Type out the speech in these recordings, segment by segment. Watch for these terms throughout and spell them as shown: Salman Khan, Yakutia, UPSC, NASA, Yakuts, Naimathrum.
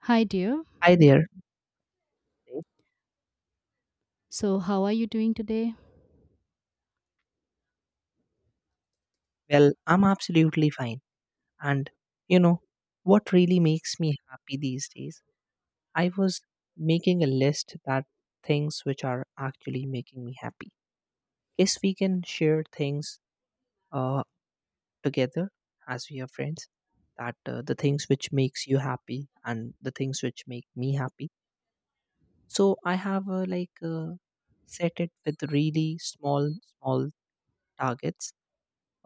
Hi, dear. Hi there. Hey. So, how are you doing today? Well, I'm absolutely fine. And you know, what really makes me happy these days? I was making a list that things which are actually making me happy. Guess we can share things uh, together as we are friends. That the things which makes you happy and the things which make me happy. So I have set it with really small, small targets.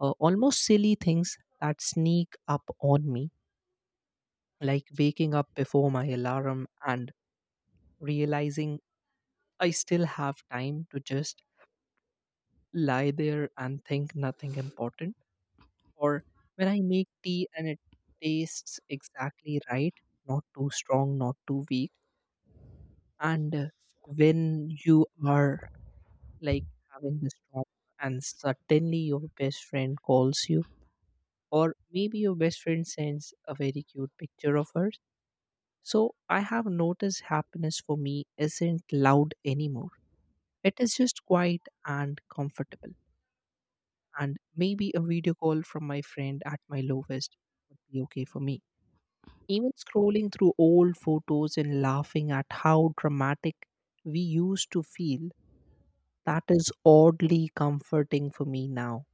Almost silly things that sneak up on me like waking up before my alarm and realizing I still have time to just lie there and think nothing important, or when I make tea and it tastes exactly right, not too strong, not too weak, and when you are like having this trauma and suddenly your best friend calls you, or maybe your best friend sends a very cute picture of her. So I have noticed happiness for me isn't loud anymore. It is just quiet and comfortable. And maybe a video call from my friend at my lowest would be okay for me. Even scrolling through old photos and laughing at how dramatic we used to feel, that is oddly comforting for me now.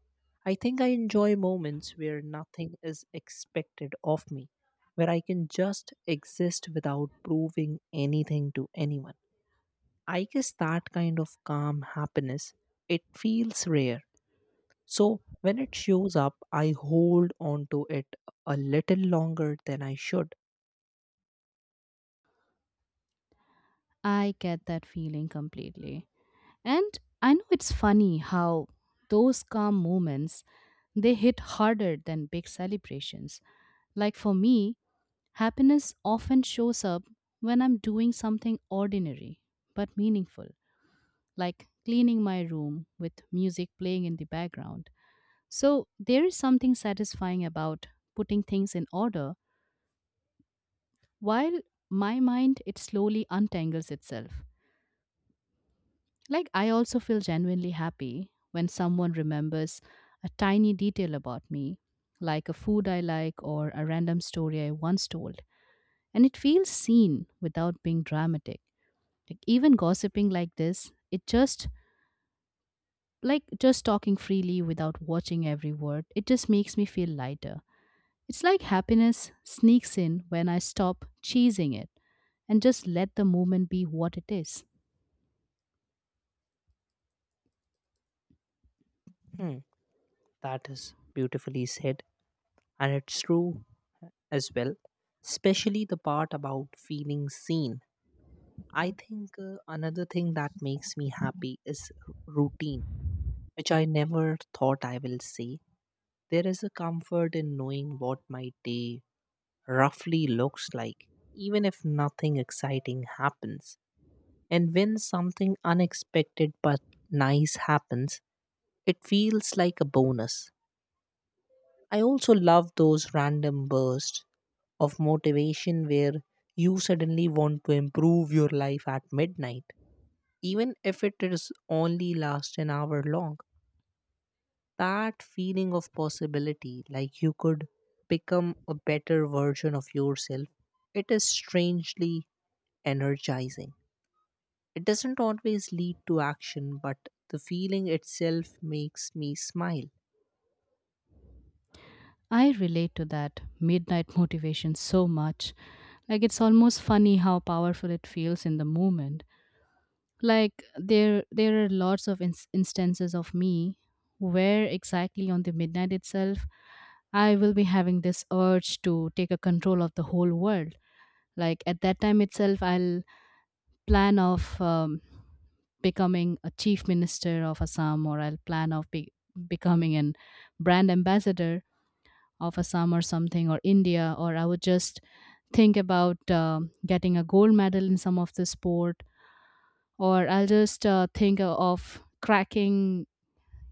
I think I enjoy moments where nothing is expected of me, where I can just exist without proving anything to anyone. I guess that kind of calm happiness, it feels rare. So when it shows up, I hold on to it a little longer than I should. I get that feeling completely. And I know it's funny how those calm moments they hit harder than big celebrations. Like for me, happiness often shows up when I'm doing something ordinary but meaningful, like cleaning my room with music playing in the background. So, there is something satisfying about putting things in order while my mind it slowly untangles itself. Like, I also feel genuinely happy when someone remembers a tiny detail about me, like a food I like or a random story I once told. And it feels seen without being dramatic. Like, even gossiping like this, it just, like, just talking freely without watching every word, it just makes me feel lighter. It's like happiness sneaks in when I stop cheesing it and just let the moment be what it is. Hmm, that is beautifully said, and it's true as well, especially the part about feeling seen. I think another thing that makes me happy is routine, which I never thought I will say. There is a comfort in knowing what my day roughly looks like, even if nothing exciting happens. And when something unexpected but nice happens, it feels like a bonus. I also love those random bursts of motivation where you suddenly want to improve your life at midnight, even if it is only last an hour long. That feeling of possibility, like you could become a better version of yourself, it is strangely energizing. It doesn't always lead to action, but the feeling itself makes me smile. I relate to that midnight motivation so much. Like it's almost funny how powerful it feels in the moment. Like there are lots of instances of me where exactly on the midnight itself I will be having this urge to take a control of the whole world. Like at that time itself I'll plan of becoming a chief minister of Assam, or I'll plan of becoming an brand ambassador of Assam or something, or India, or I would just think about getting a gold medal in some of the sport, or I'll just think of cracking,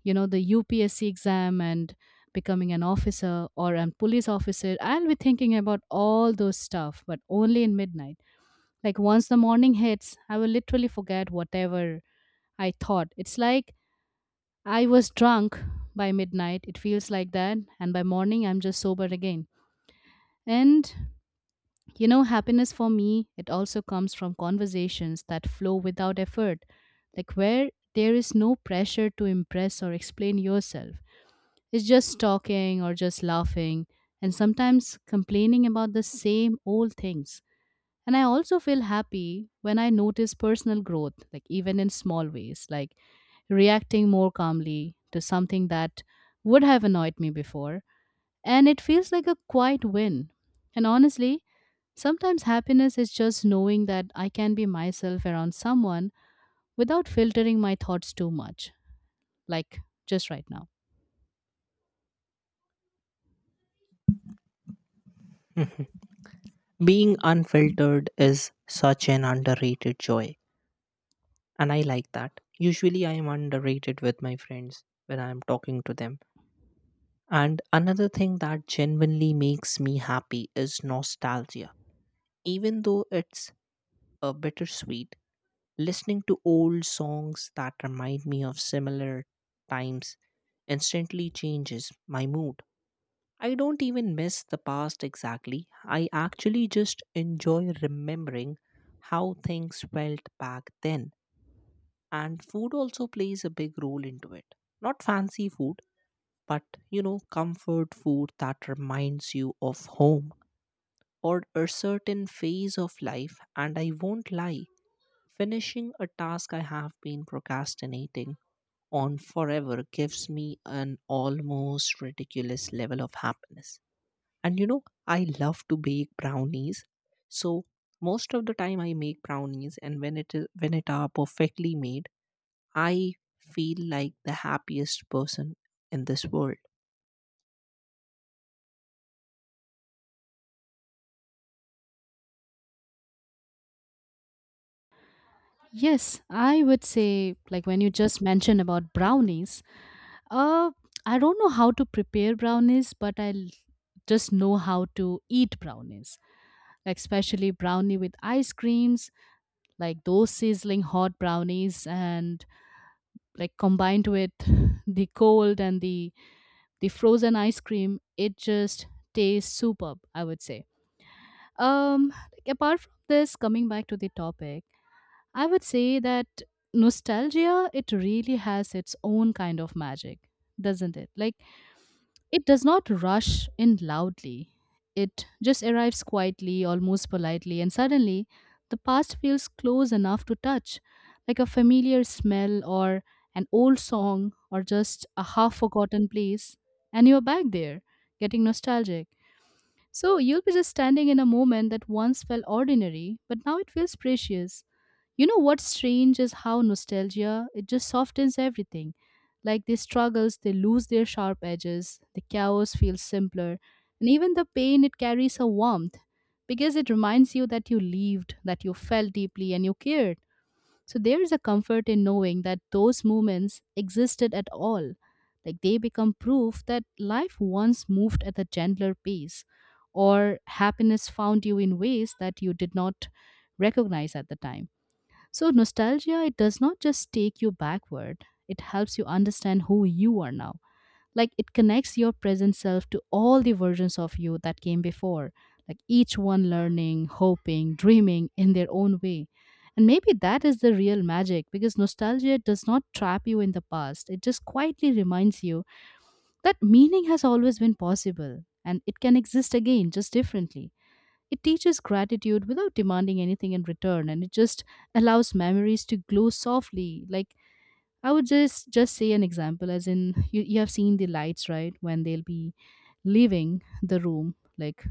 you know, the UPSC exam and becoming an officer or a police officer. I'll be thinking about all those stuff, but only in midnight. Like once the morning hits, I will literally forget whatever I thought. It's like I was drunk by midnight. It feels like that, and by morning I'm just sober again. And you know, happiness for me, it also comes from conversations that flow without effort, like where there is no pressure to impress or explain yourself. It's just talking or just laughing, and sometimes complaining about the same old things. And I also feel happy when I notice personal growth, like even in small ways, like reacting more calmly to something that would have annoyed me before and it feels like a quiet win. And honestly, sometimes happiness is just knowing that I can be myself around someone without filtering my thoughts too much, like just right now. Mhm. Being unfiltered is such an underrated joy, and I like that. Usually, I am underrated with my friends when I am talking to them. And another thing that genuinely makes me happy is nostalgia. Even though it's a bittersweet, listening to old songs that remind me of similar times instantly changes my mood. I don't even miss the past exactly. I actually just enjoy remembering how things felt back then. And food also plays a big role into it. Not fancy food, but you know, comfort food that reminds you of home or a certain phase of life. And I won't lie, finishing a task I have been procrastinating on forever gives me an almost ridiculous level of happiness. And you know, I love to bake brownies. So most of the time I make brownies and when it are perfectly made, I feel like the happiest person in this world. Yes, I would say, like when you just mentioned about brownies, uh, I don't know how to prepare brownies, but just know how to eat brownies, like especially brownie with ice creams, like those sizzling hot brownies and like combined with the cold and the frozen ice cream, it just tastes superb, I would say. Like apart from this, coming back to the topic, I would say that nostalgia, it really has its own kind of magic, doesn't it? Like it does not rush in loudly. It just arrives quietly, almost politely, and suddenly the past feels close enough to touch, like a familiar smell or an old song or just a half forgotten place. And you're back there, getting nostalgic. So you'll be just standing in a moment that once felt ordinary, but now it feels precious. You know what's strange is how nostalgia it just softens everything. Like these struggles, they lose their sharp edges, the chaos feels simpler, and even the pain it carries a warmth because it reminds you that you lived, that you felt deeply and you cared. So there is a comfort in knowing that those moments existed at all. Like they become proof that life once moved at a gentler pace or happiness found you in ways that you did not recognize at the time. So, nostalgia, it does not just take you backward, it helps you understand who you are now. Like, it connects your present self to all the versions of you that came before, like each one learning, hoping, dreaming in their own way. And maybe that is the real magic because nostalgia does not trap you in the past. It just quietly reminds you that meaning has always been possible and it can exist again, just differently. It teaches gratitude without demanding anything in return and it just allows memories to glow softly. Like I would just say an example as in you have seen the lights, right? When they'll be leaving the room, like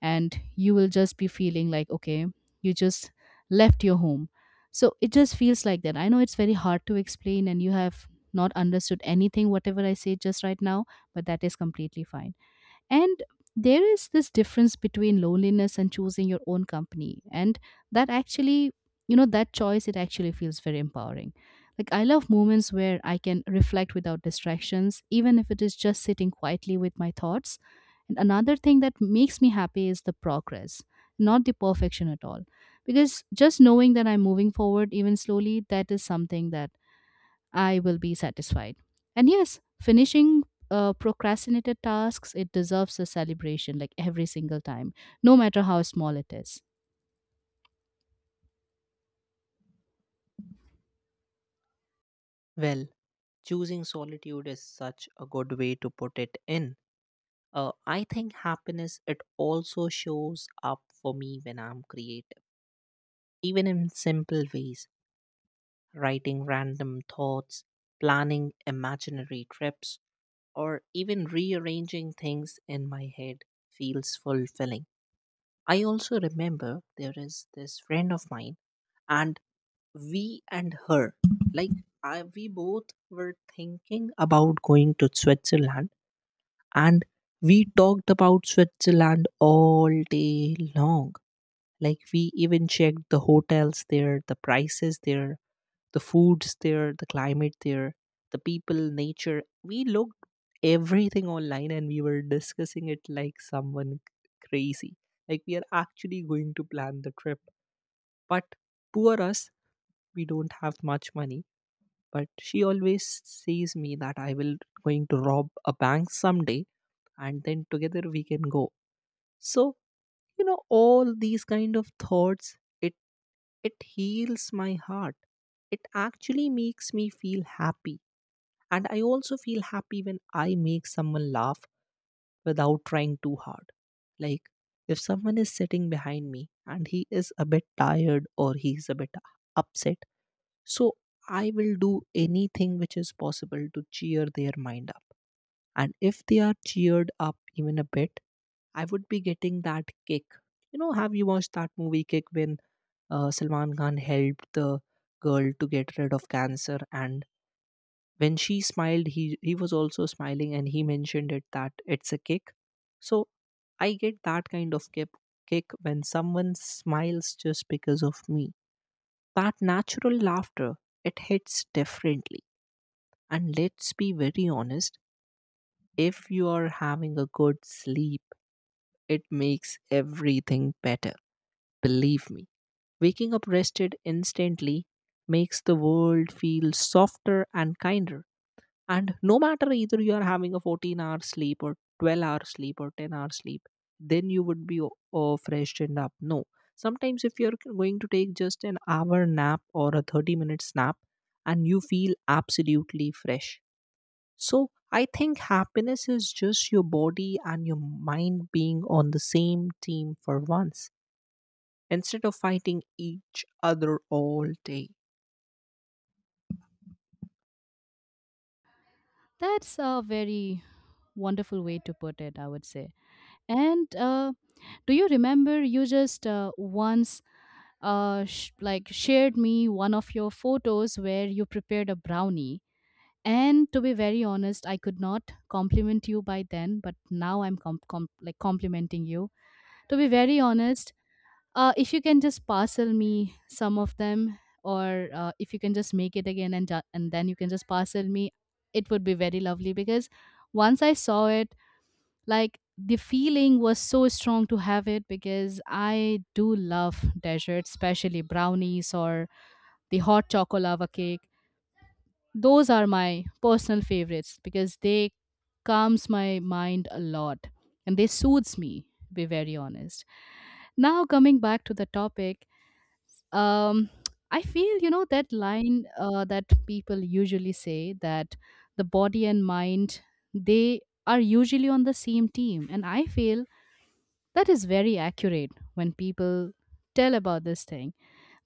and you will just be feeling like, okay, you just left your home. So it just feels like that. I know it's very hard to explain and you have not understood anything whatever I say just right now, but that is completely fine. And there is this difference between loneliness and choosing your own company. And that actually, you know, that choice, it actually feels very empowering. Like, I love moments where I can reflect without distractions, even if it is just sitting quietly with my thoughts. And another thing that makes me happy is the progress, not the perfection at all. Because just knowing that I'm moving forward, even slowly, that is something that I will be satisfied. And yes, finishing procrastinated tasks, it deserves a celebration like every single time, no matter how small it is. Well, choosing solitude is such a good way to put it in. I think happiness it also shows up for me when I'm creative, even in simple ways, writing random thoughts, planning imaginary trips or even rearranging things in my head feels fulfilling. I also remember there is this friend of mine, and we and her, like I, we both were thinking about going to Switzerland, and we talked about Switzerland all day long. Like we even checked the hotels there, the prices there, the foods there, the climate there, the people, nature. We looked everything online and we were discussing it like someone crazy. Like we are actually going to plan the trip. But poor us, we don't have much money. But she always says me that I will going to rob a bank someday and then together we can go. So, you know, all these kind of thoughts, it heals my heart. It actually makes me feel happy, and I also feel happy when I make someone laugh without trying too hard. Like if someone is sitting behind me and he is a bit tired or he's a bit upset, so I will do anything which is possible to cheer their mind up. And if they are cheered up even a bit, I would be getting that kick. You know, have you watched that movie Kick when Salman Khan helped the girl to get rid of cancer and when she smiled, he was also smiling and he mentioned it that it's a kick. So I get that kind of kick when someone smiles just because of me. That natural laughter, it hits differently. And let's be very honest, if you are having a good sleep, it makes everything better. Believe me. Waking up rested instantly makes the world feel softer and kinder. And no matter either you are having a 14-hour sleep or 12-hour sleep or 10-hour sleep, then you would be freshened up. No. Sometimes if you're going to take just an hour nap or a 30-minute nap and you feel absolutely fresh. So I think happiness is just your body and your mind being on the same team for once instead of fighting each other all day. That's a very wonderful way to put it, I would say. And do you remember you just once like shared me one of your photos where you prepared a brownie? And to be very honest, I could not compliment you by then, but now I'm like complimenting you, to be very honest. If you can just parcel me some of them, or if you can just make it again and and then you can just parcel me, it would be very lovely because once I saw it, like the feeling was so strong to have it because I do love desserts, especially brownies or the hot chocolate lava cake. Those are my personal favorites because they calms my mind a lot and they soothes me, to be very honest. Now coming back to the topic, um, I feel, you know, that line that people usually say that the body and mind they are usually on the same team, and I feel that is very accurate when people tell about this thing.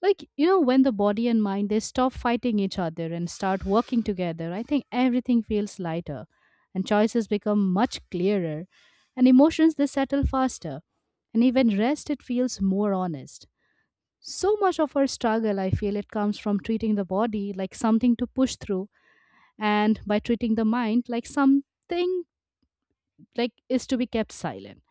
Like you know, when the body and mind they stop fighting each other and start working together, I think everything feels lighter, and choices become much clearer, and emotions they settle faster, and even rest it feels more honest. So much of our struggle, I feel, it comes from treating the body like something to push through, and by treating the mind like something like is to be kept silent.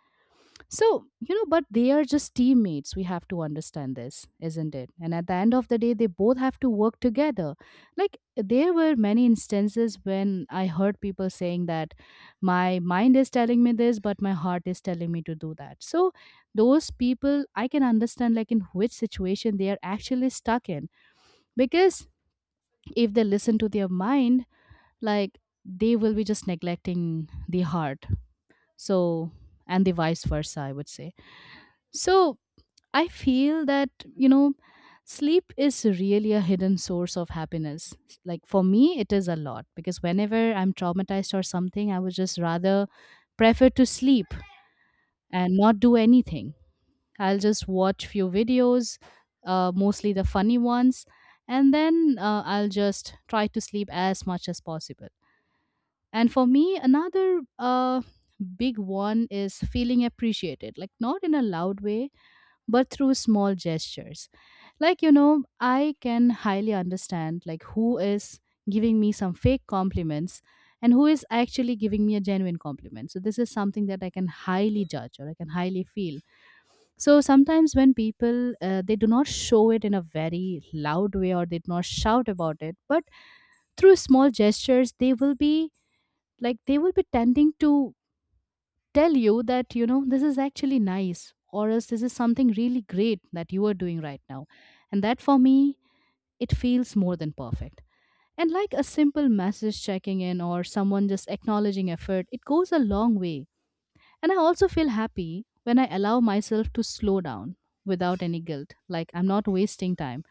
So, you know, but they are just teammates. We have to understand this, isn't it? And at the end of the day, they both have to work together. Like, there were many instances when I heard people saying that my mind is telling me this, but my heart is telling me to do that. So, those people, I can understand, like, in which situation they are actually stuck in because if they listen to their mind, like they will be just neglecting the heart. So, and the vice versa, I would say. So I feel that, you know, sleep is really a hidden source of happiness. Like for me it is a lot because whenever I'm traumatized or something I would just rather prefer to sleep and not do anything. I'll just watch few videos, mostly the funny ones, and then I'll just try to sleep as much as possible. And for me, another big one is feeling appreciated, like not in a loud way, but through small gestures. Like, you know, I can highly understand like who is giving me some fake compliments and who is actually giving me a genuine compliment. So this is something that I can highly judge or I can highly feel. So sometimes when people they do not show it in a very loud way or they do not shout about it, but through small gestures they will be like they will be tending to tell you that, you know, this is actually nice or else this is something really great that you are doing right now, and that for me it feels more than perfect. And like a simple message checking in or someone just acknowledging effort, it goes a long way. And I also feel happy when I allow myself to slow down without any guilt. Like I'm not wasting time.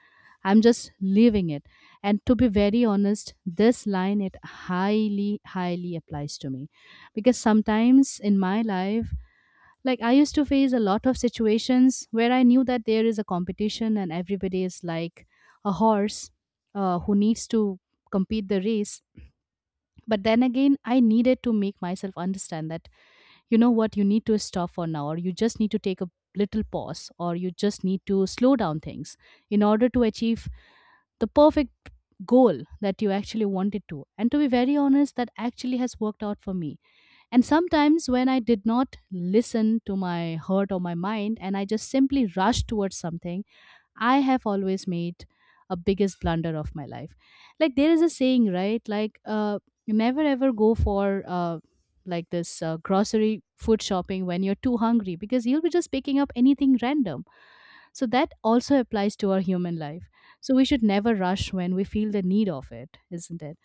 I'm just leaving it. And to be very honest, this line it highly, highly applies to me. Because sometimes in my life, like I used to face a lot of situations where I knew that there is a competition and everybody is like a horse who needs to compete the race. But then again, I needed to make myself understand that you know what, you need to stop for now or you just need to take a little pause or you just need to slow down things in order to achieve the perfect goal that you actually wanted to. And to be very honest, that actually has worked out for me. And sometimes when I did not listen to my heart or my mind and I just simply rushed towards something, I have always made a biggest blunder of my life. Like there is a saying, right? Like you never ever go for like this grocery food shopping when you're too hungry because you'll be just picking up anything random. So that also applies to our human life. So we should never rush when we feel the need of it, isn't it?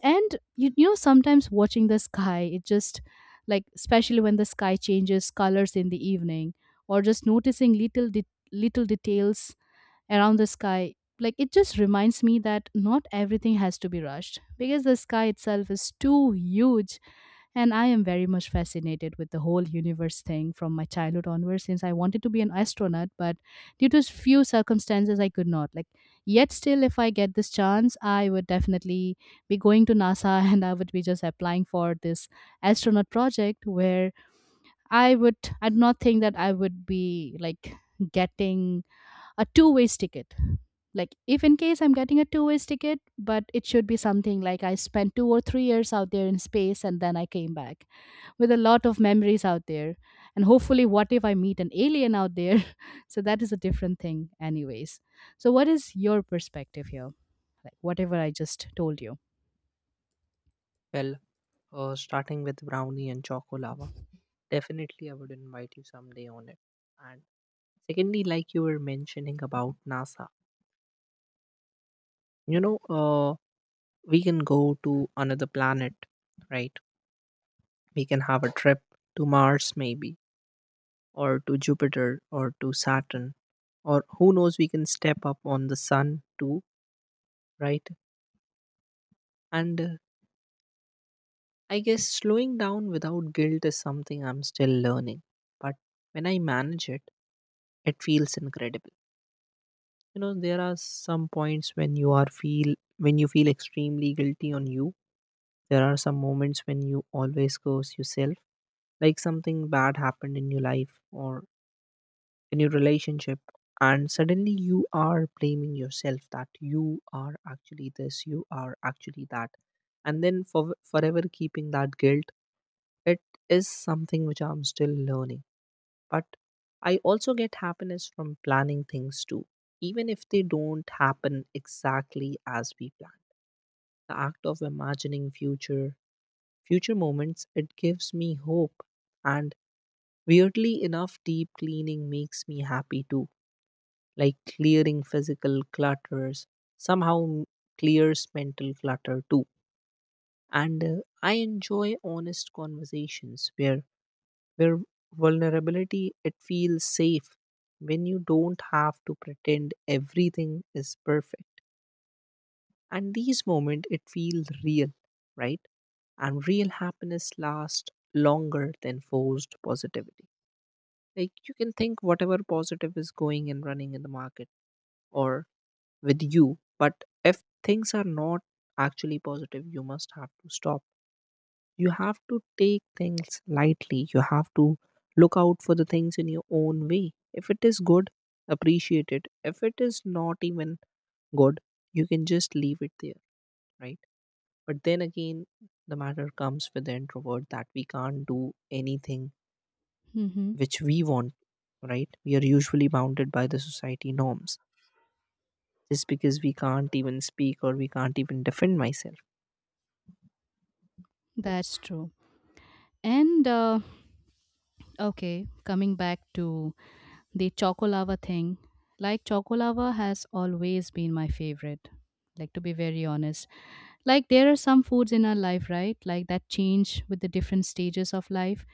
And sometimes watching the sky, it just, like, especially when the sky changes colors in the evening, or just noticing little details around the sky. Like it just reminds me that not everything has to be rushed because the sky itself is too huge. And I am very much fascinated with the whole universe thing from my childhood onwards, since I wanted to be an astronaut but due to few circumstances I could not, like, yet still if I get this chance I would definitely be going to NASA and I would be just applying for this astronaut project where I would I do not think that I would be, like, getting a two-way ticket. Like, if in case I'm getting a two-way ticket, but it should be something like I spent 2 or 3 years out there in space and then I came back with a lot of memories out there. And hopefully, what if I meet an alien out there? So, that is a different thing, anyways. So, what is your perspective here? Like, whatever I just told you. Well, starting with brownie and chocolate. Definitely, I would invite you someday on it. And secondly, like you were mentioning about NASA, you know, we can go to another planet, right? We can have a trip to Mars, maybe, or to Jupiter, or to Saturn, or who knows, we can step up on the sun too, right? And I guess slowing down without guilt is something I'm still learning. But when I manage it, it feels incredible. You know there are some points when you feel extremely guilty on you, there are some moments when you always curse yourself, like something bad happened in your life or in your relationship, and suddenly you are blaming yourself that you are actually that, and then forever keeping that guilt, it is something which I'm still learning. But I also get happiness from planning things too, even if they don't happen exactly as we plan. The act of imagining future moments, it gives me hope. And weirdly enough, deep cleaning makes me happy too, like clearing physical clutters somehow clears mental clutter too. And I enjoy honest conversations where Where vulnerability, it feels safe when you don't have to pretend everything is perfect. And these moments, it feels real, right? And real happiness lasts longer than forced positivity. Like you can think whatever positive is going and running in the market or with you, but if things are not actually positive, you must have to stop. You have to take things lightly. You have to look out for the things in your own way. If it is good, appreciate it. If it is not even good, you can just leave it there, right? But then again, the matter comes with the introvert that we can't do anything Mm-hmm. which we want, right? We are usually bounded by the society norms. Just because we can't even speak or we can't even defend myself. That's true. And, okay, coming back to the chocolava thing, like chocolava has always been my favorite. Like, to be very honest, like there are some foods in our life, right? Like that change with the different stages of life.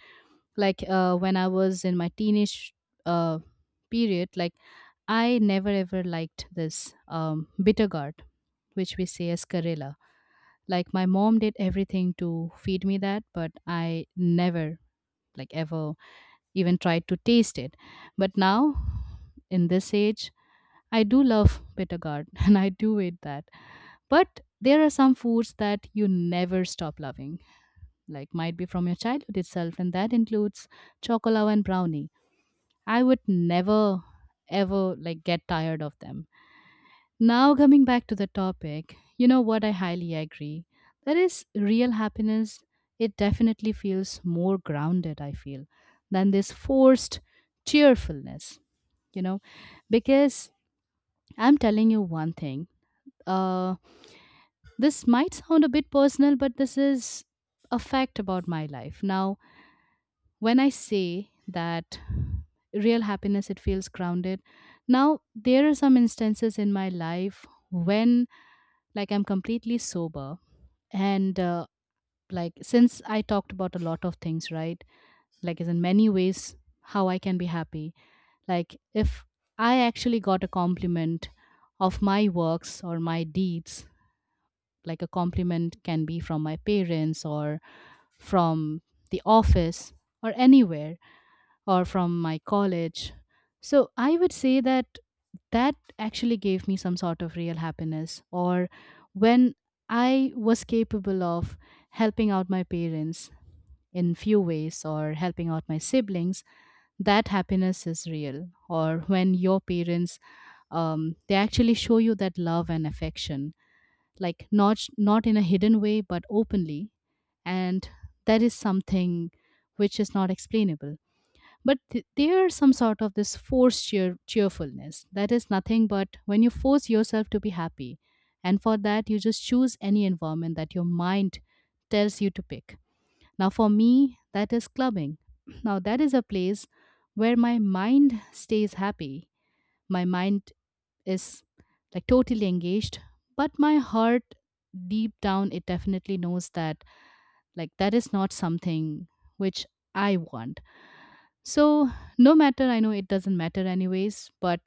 Like when I was in my teenage uh, period, like I never ever liked this bitter gourd, which we say as Karela. Like my mom did everything to feed me that, but I never, like, ever even tried to taste it. But now, in this age, I do love bitter gourd and I do eat that. But there are some foods that you never stop loving, like might be from your childhood itself, and that includes chocolate and brownie. I would never ever, like, get tired of them. Now coming back to the topic, you know what, I highly agree. That is real happiness. It definitely feels more grounded, I feel, than this forced cheerfulness, you know because I'm telling you one thing, uh this might sound a bit personal but this is a fact about my life. Now, when I say that real happiness it feels grounded, now there are some instances in my life when, like, I'm completely sober, and like since I talked about a lot of things, right, like as in many ways how I can be happy. Like, if I actually got a compliment of my works or my deeds, like a compliment can be from my parents or from the office or anywhere or from my college. So I would say that that actually gave me some sort of real happiness. Or when I was capable of helping out my parents in few ways or helping out my siblings, that happiness is real. Or when your parents, they actually show you that love and affection, like not in a hidden way but openly, and that is something which is not explainable. But there is some sort of this forced cheerfulness that is nothing but when you force yourself to be happy, and for that you just choose any environment that your mind tells you to pick. Now, for me, that is clubbing. Now, that is a place where my mind stays happy. My mind is, like, totally engaged, but my heart, deep down, it definitely knows that, like, that is not something which I want. So, no matter, I know it doesn't matter anyways, but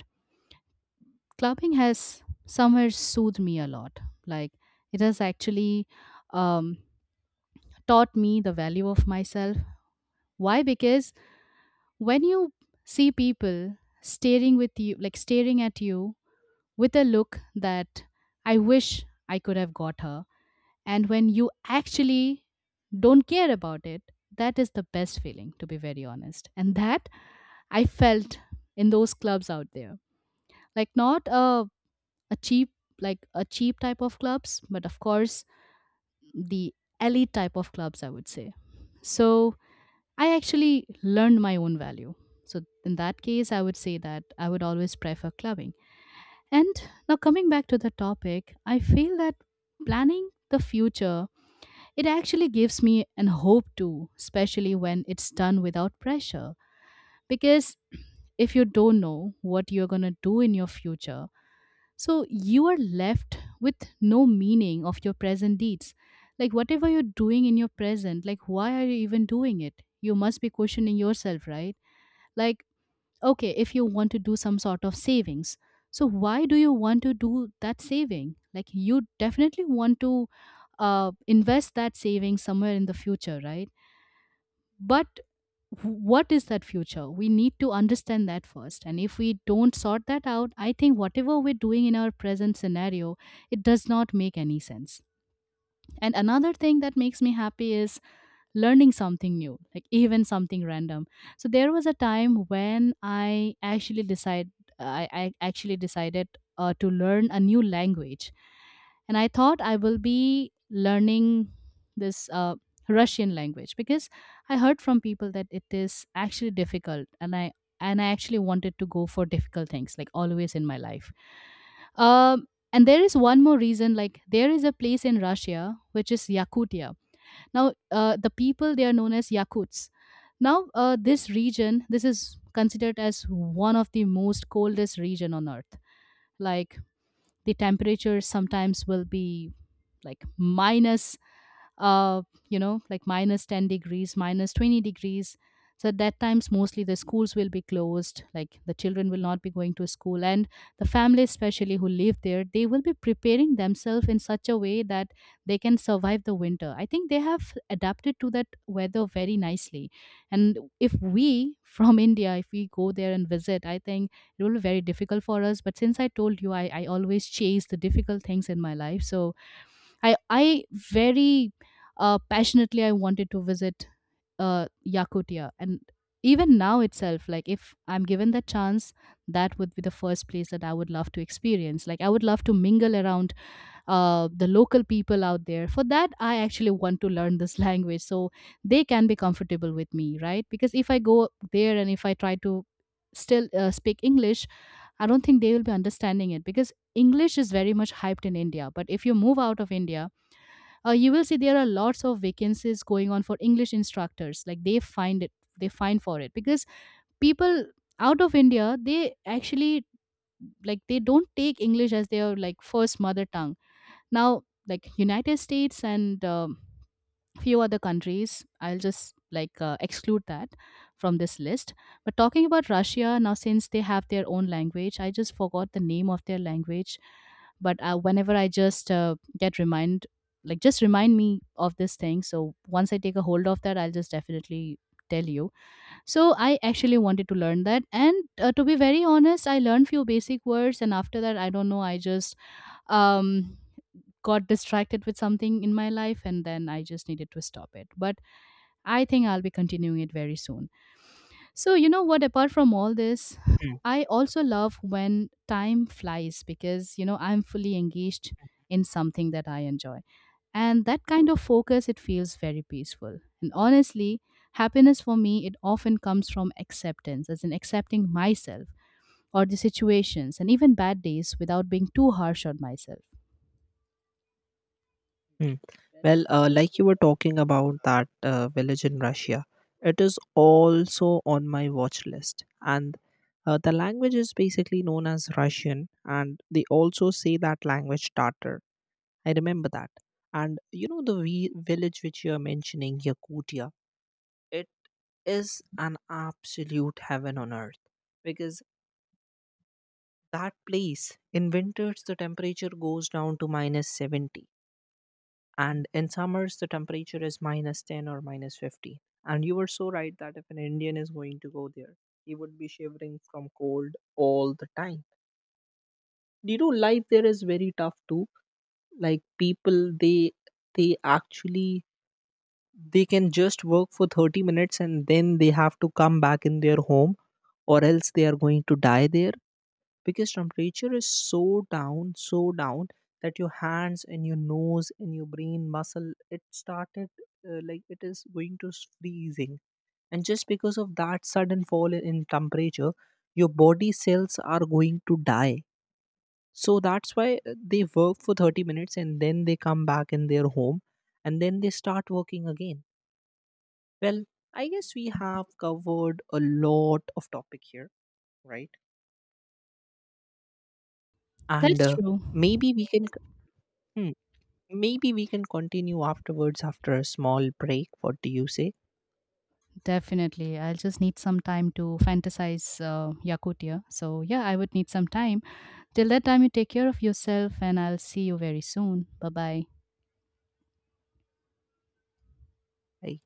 clubbing has somewhere soothed me a lot. Like, it has actually um, taught me the value of myself. Why? Because when you see people staring at you with a look that, I wish I could have got her, and when you actually don't care about it, that is the best feeling, to be very honest. And that I felt in those clubs out there, like not a, a cheap like a cheap type of clubs, but of course the elite type of clubs, I would say. So I actually learned my own value. So, in that case, I would say that I would always prefer clubbing. And now, coming back to the topic, I feel that planning the future, it actually gives me an hope too, especially when it's done without pressure. Because if you don't know what you're going to do in your future, so you are left with no meaning of your present deeds. Like, whatever you're doing in your present, like, why are you even doing it? You must be questioning yourself, right? Like, okay, if you want to do some sort of savings, so why do you want to do that saving? Like, you definitely want to invest that saving somewhere in the future, right? But what is that future? We need to understand that first. And if we don't sort that out, I think whatever we're doing in our present scenario, it does not make any sense. And another thing that makes me happy is learning something new, like even something random. So there was a time when I actually decided to learn a new language, and I thought I will be learning this Russian language because I heard from people that it is actually difficult, and I actually wanted to go for difficult things, like always in my life. Um, and there is one more reason, like there is a place in Russia which is Yakutia. Now, the people, they are known as Yakuts. Now, this region, this is considered as one of the most coldest region on earth. Like the temperatures sometimes will be like minus uh like minus 10 degrees, minus 20 degrees. So at that times, mostly the schools will be closed, like the children will not be going to school, and the families, especially who live there, they will be preparing themselves in such a way that they can survive the winter. I think they have adapted to that weather very nicely. And if we, from India, if we go there and visit, I think it will be very difficult for us. But since I told you, I always chase the difficult things in my life. So I very passionately, I wanted to visit Yakutia. And even now itself, like if I'm given the chance, that would be the first place that I would love to experience. Like I would love to mingle around the local people out there. For that, I actually want to learn this language, so they can be comfortable with me, right? Because if I go there and if I try to still speak English, I don't think they will be understanding it because English is very much hyped in India. But if you move out of India, you will see there are lots of vacancies going on for english instructors, like they find for it because people out of India, they actually, like, they don't take english as their, like, first mother tongue. Now, like United States and few other countries, I'll just, like, exclude that from this list. But talking about Russia now, since they have their own language, I just forgot the name of their language. But whenever I just get remind, like just remind me of this thing. So once I take a hold of that, I'll just definitely tell you. So I actually wanted to learn that, and to be very honest, I learned few basic words, and after that, I don't know. I just um got distracted with something in my life and then I just needed to stop it. But I think I'll be continuing it very soon. So, you know what, apart from all this, Mm. I also love when time flies because, I'm fully engaged in something that I enjoy. And that kind of Okay. focus, it feels very peaceful. And honestly, happiness for me, it often comes from acceptance, as in accepting myself or the situations and even bad days without being too harsh on myself. Mm. Well, like you were talking about that village in Russia, it is also on my watch list. And the language is basically known as Russian, and they also say that language Tatar. I remember that. And you know the village which you are mentioning, Yakutia, it is an absolute heaven on earth because that place in winters the temperature goes down to minus 70, and in summers the temperature is minus 10 or minus 50. And you were so right that if an Indian is going to go there, he would be shivering from cold all the time. You know life there is very tough too. Like people, they actually They can just work for 30 minutes and then they have to come back in their home, or else they are going to die there because temperature is so down that your hands and your nose and your brain muscle it started like it is going to s- freezing, and just because of that sudden fall in temperature your body cells are going to die. So that's why they work for 30 minutes and then they come back in their home and then they start working again. Well, I guess we have covered a lot of topic here, right? And That's true. maybe we can hmm, maybe we can continue afterwards after a small break. What do you say? Definitely. I'll just need some time to fantasize Yakutia. So, yeah, I would need some time. Till that time, you take care of yourself, and I'll see you very soon. Bye bye. I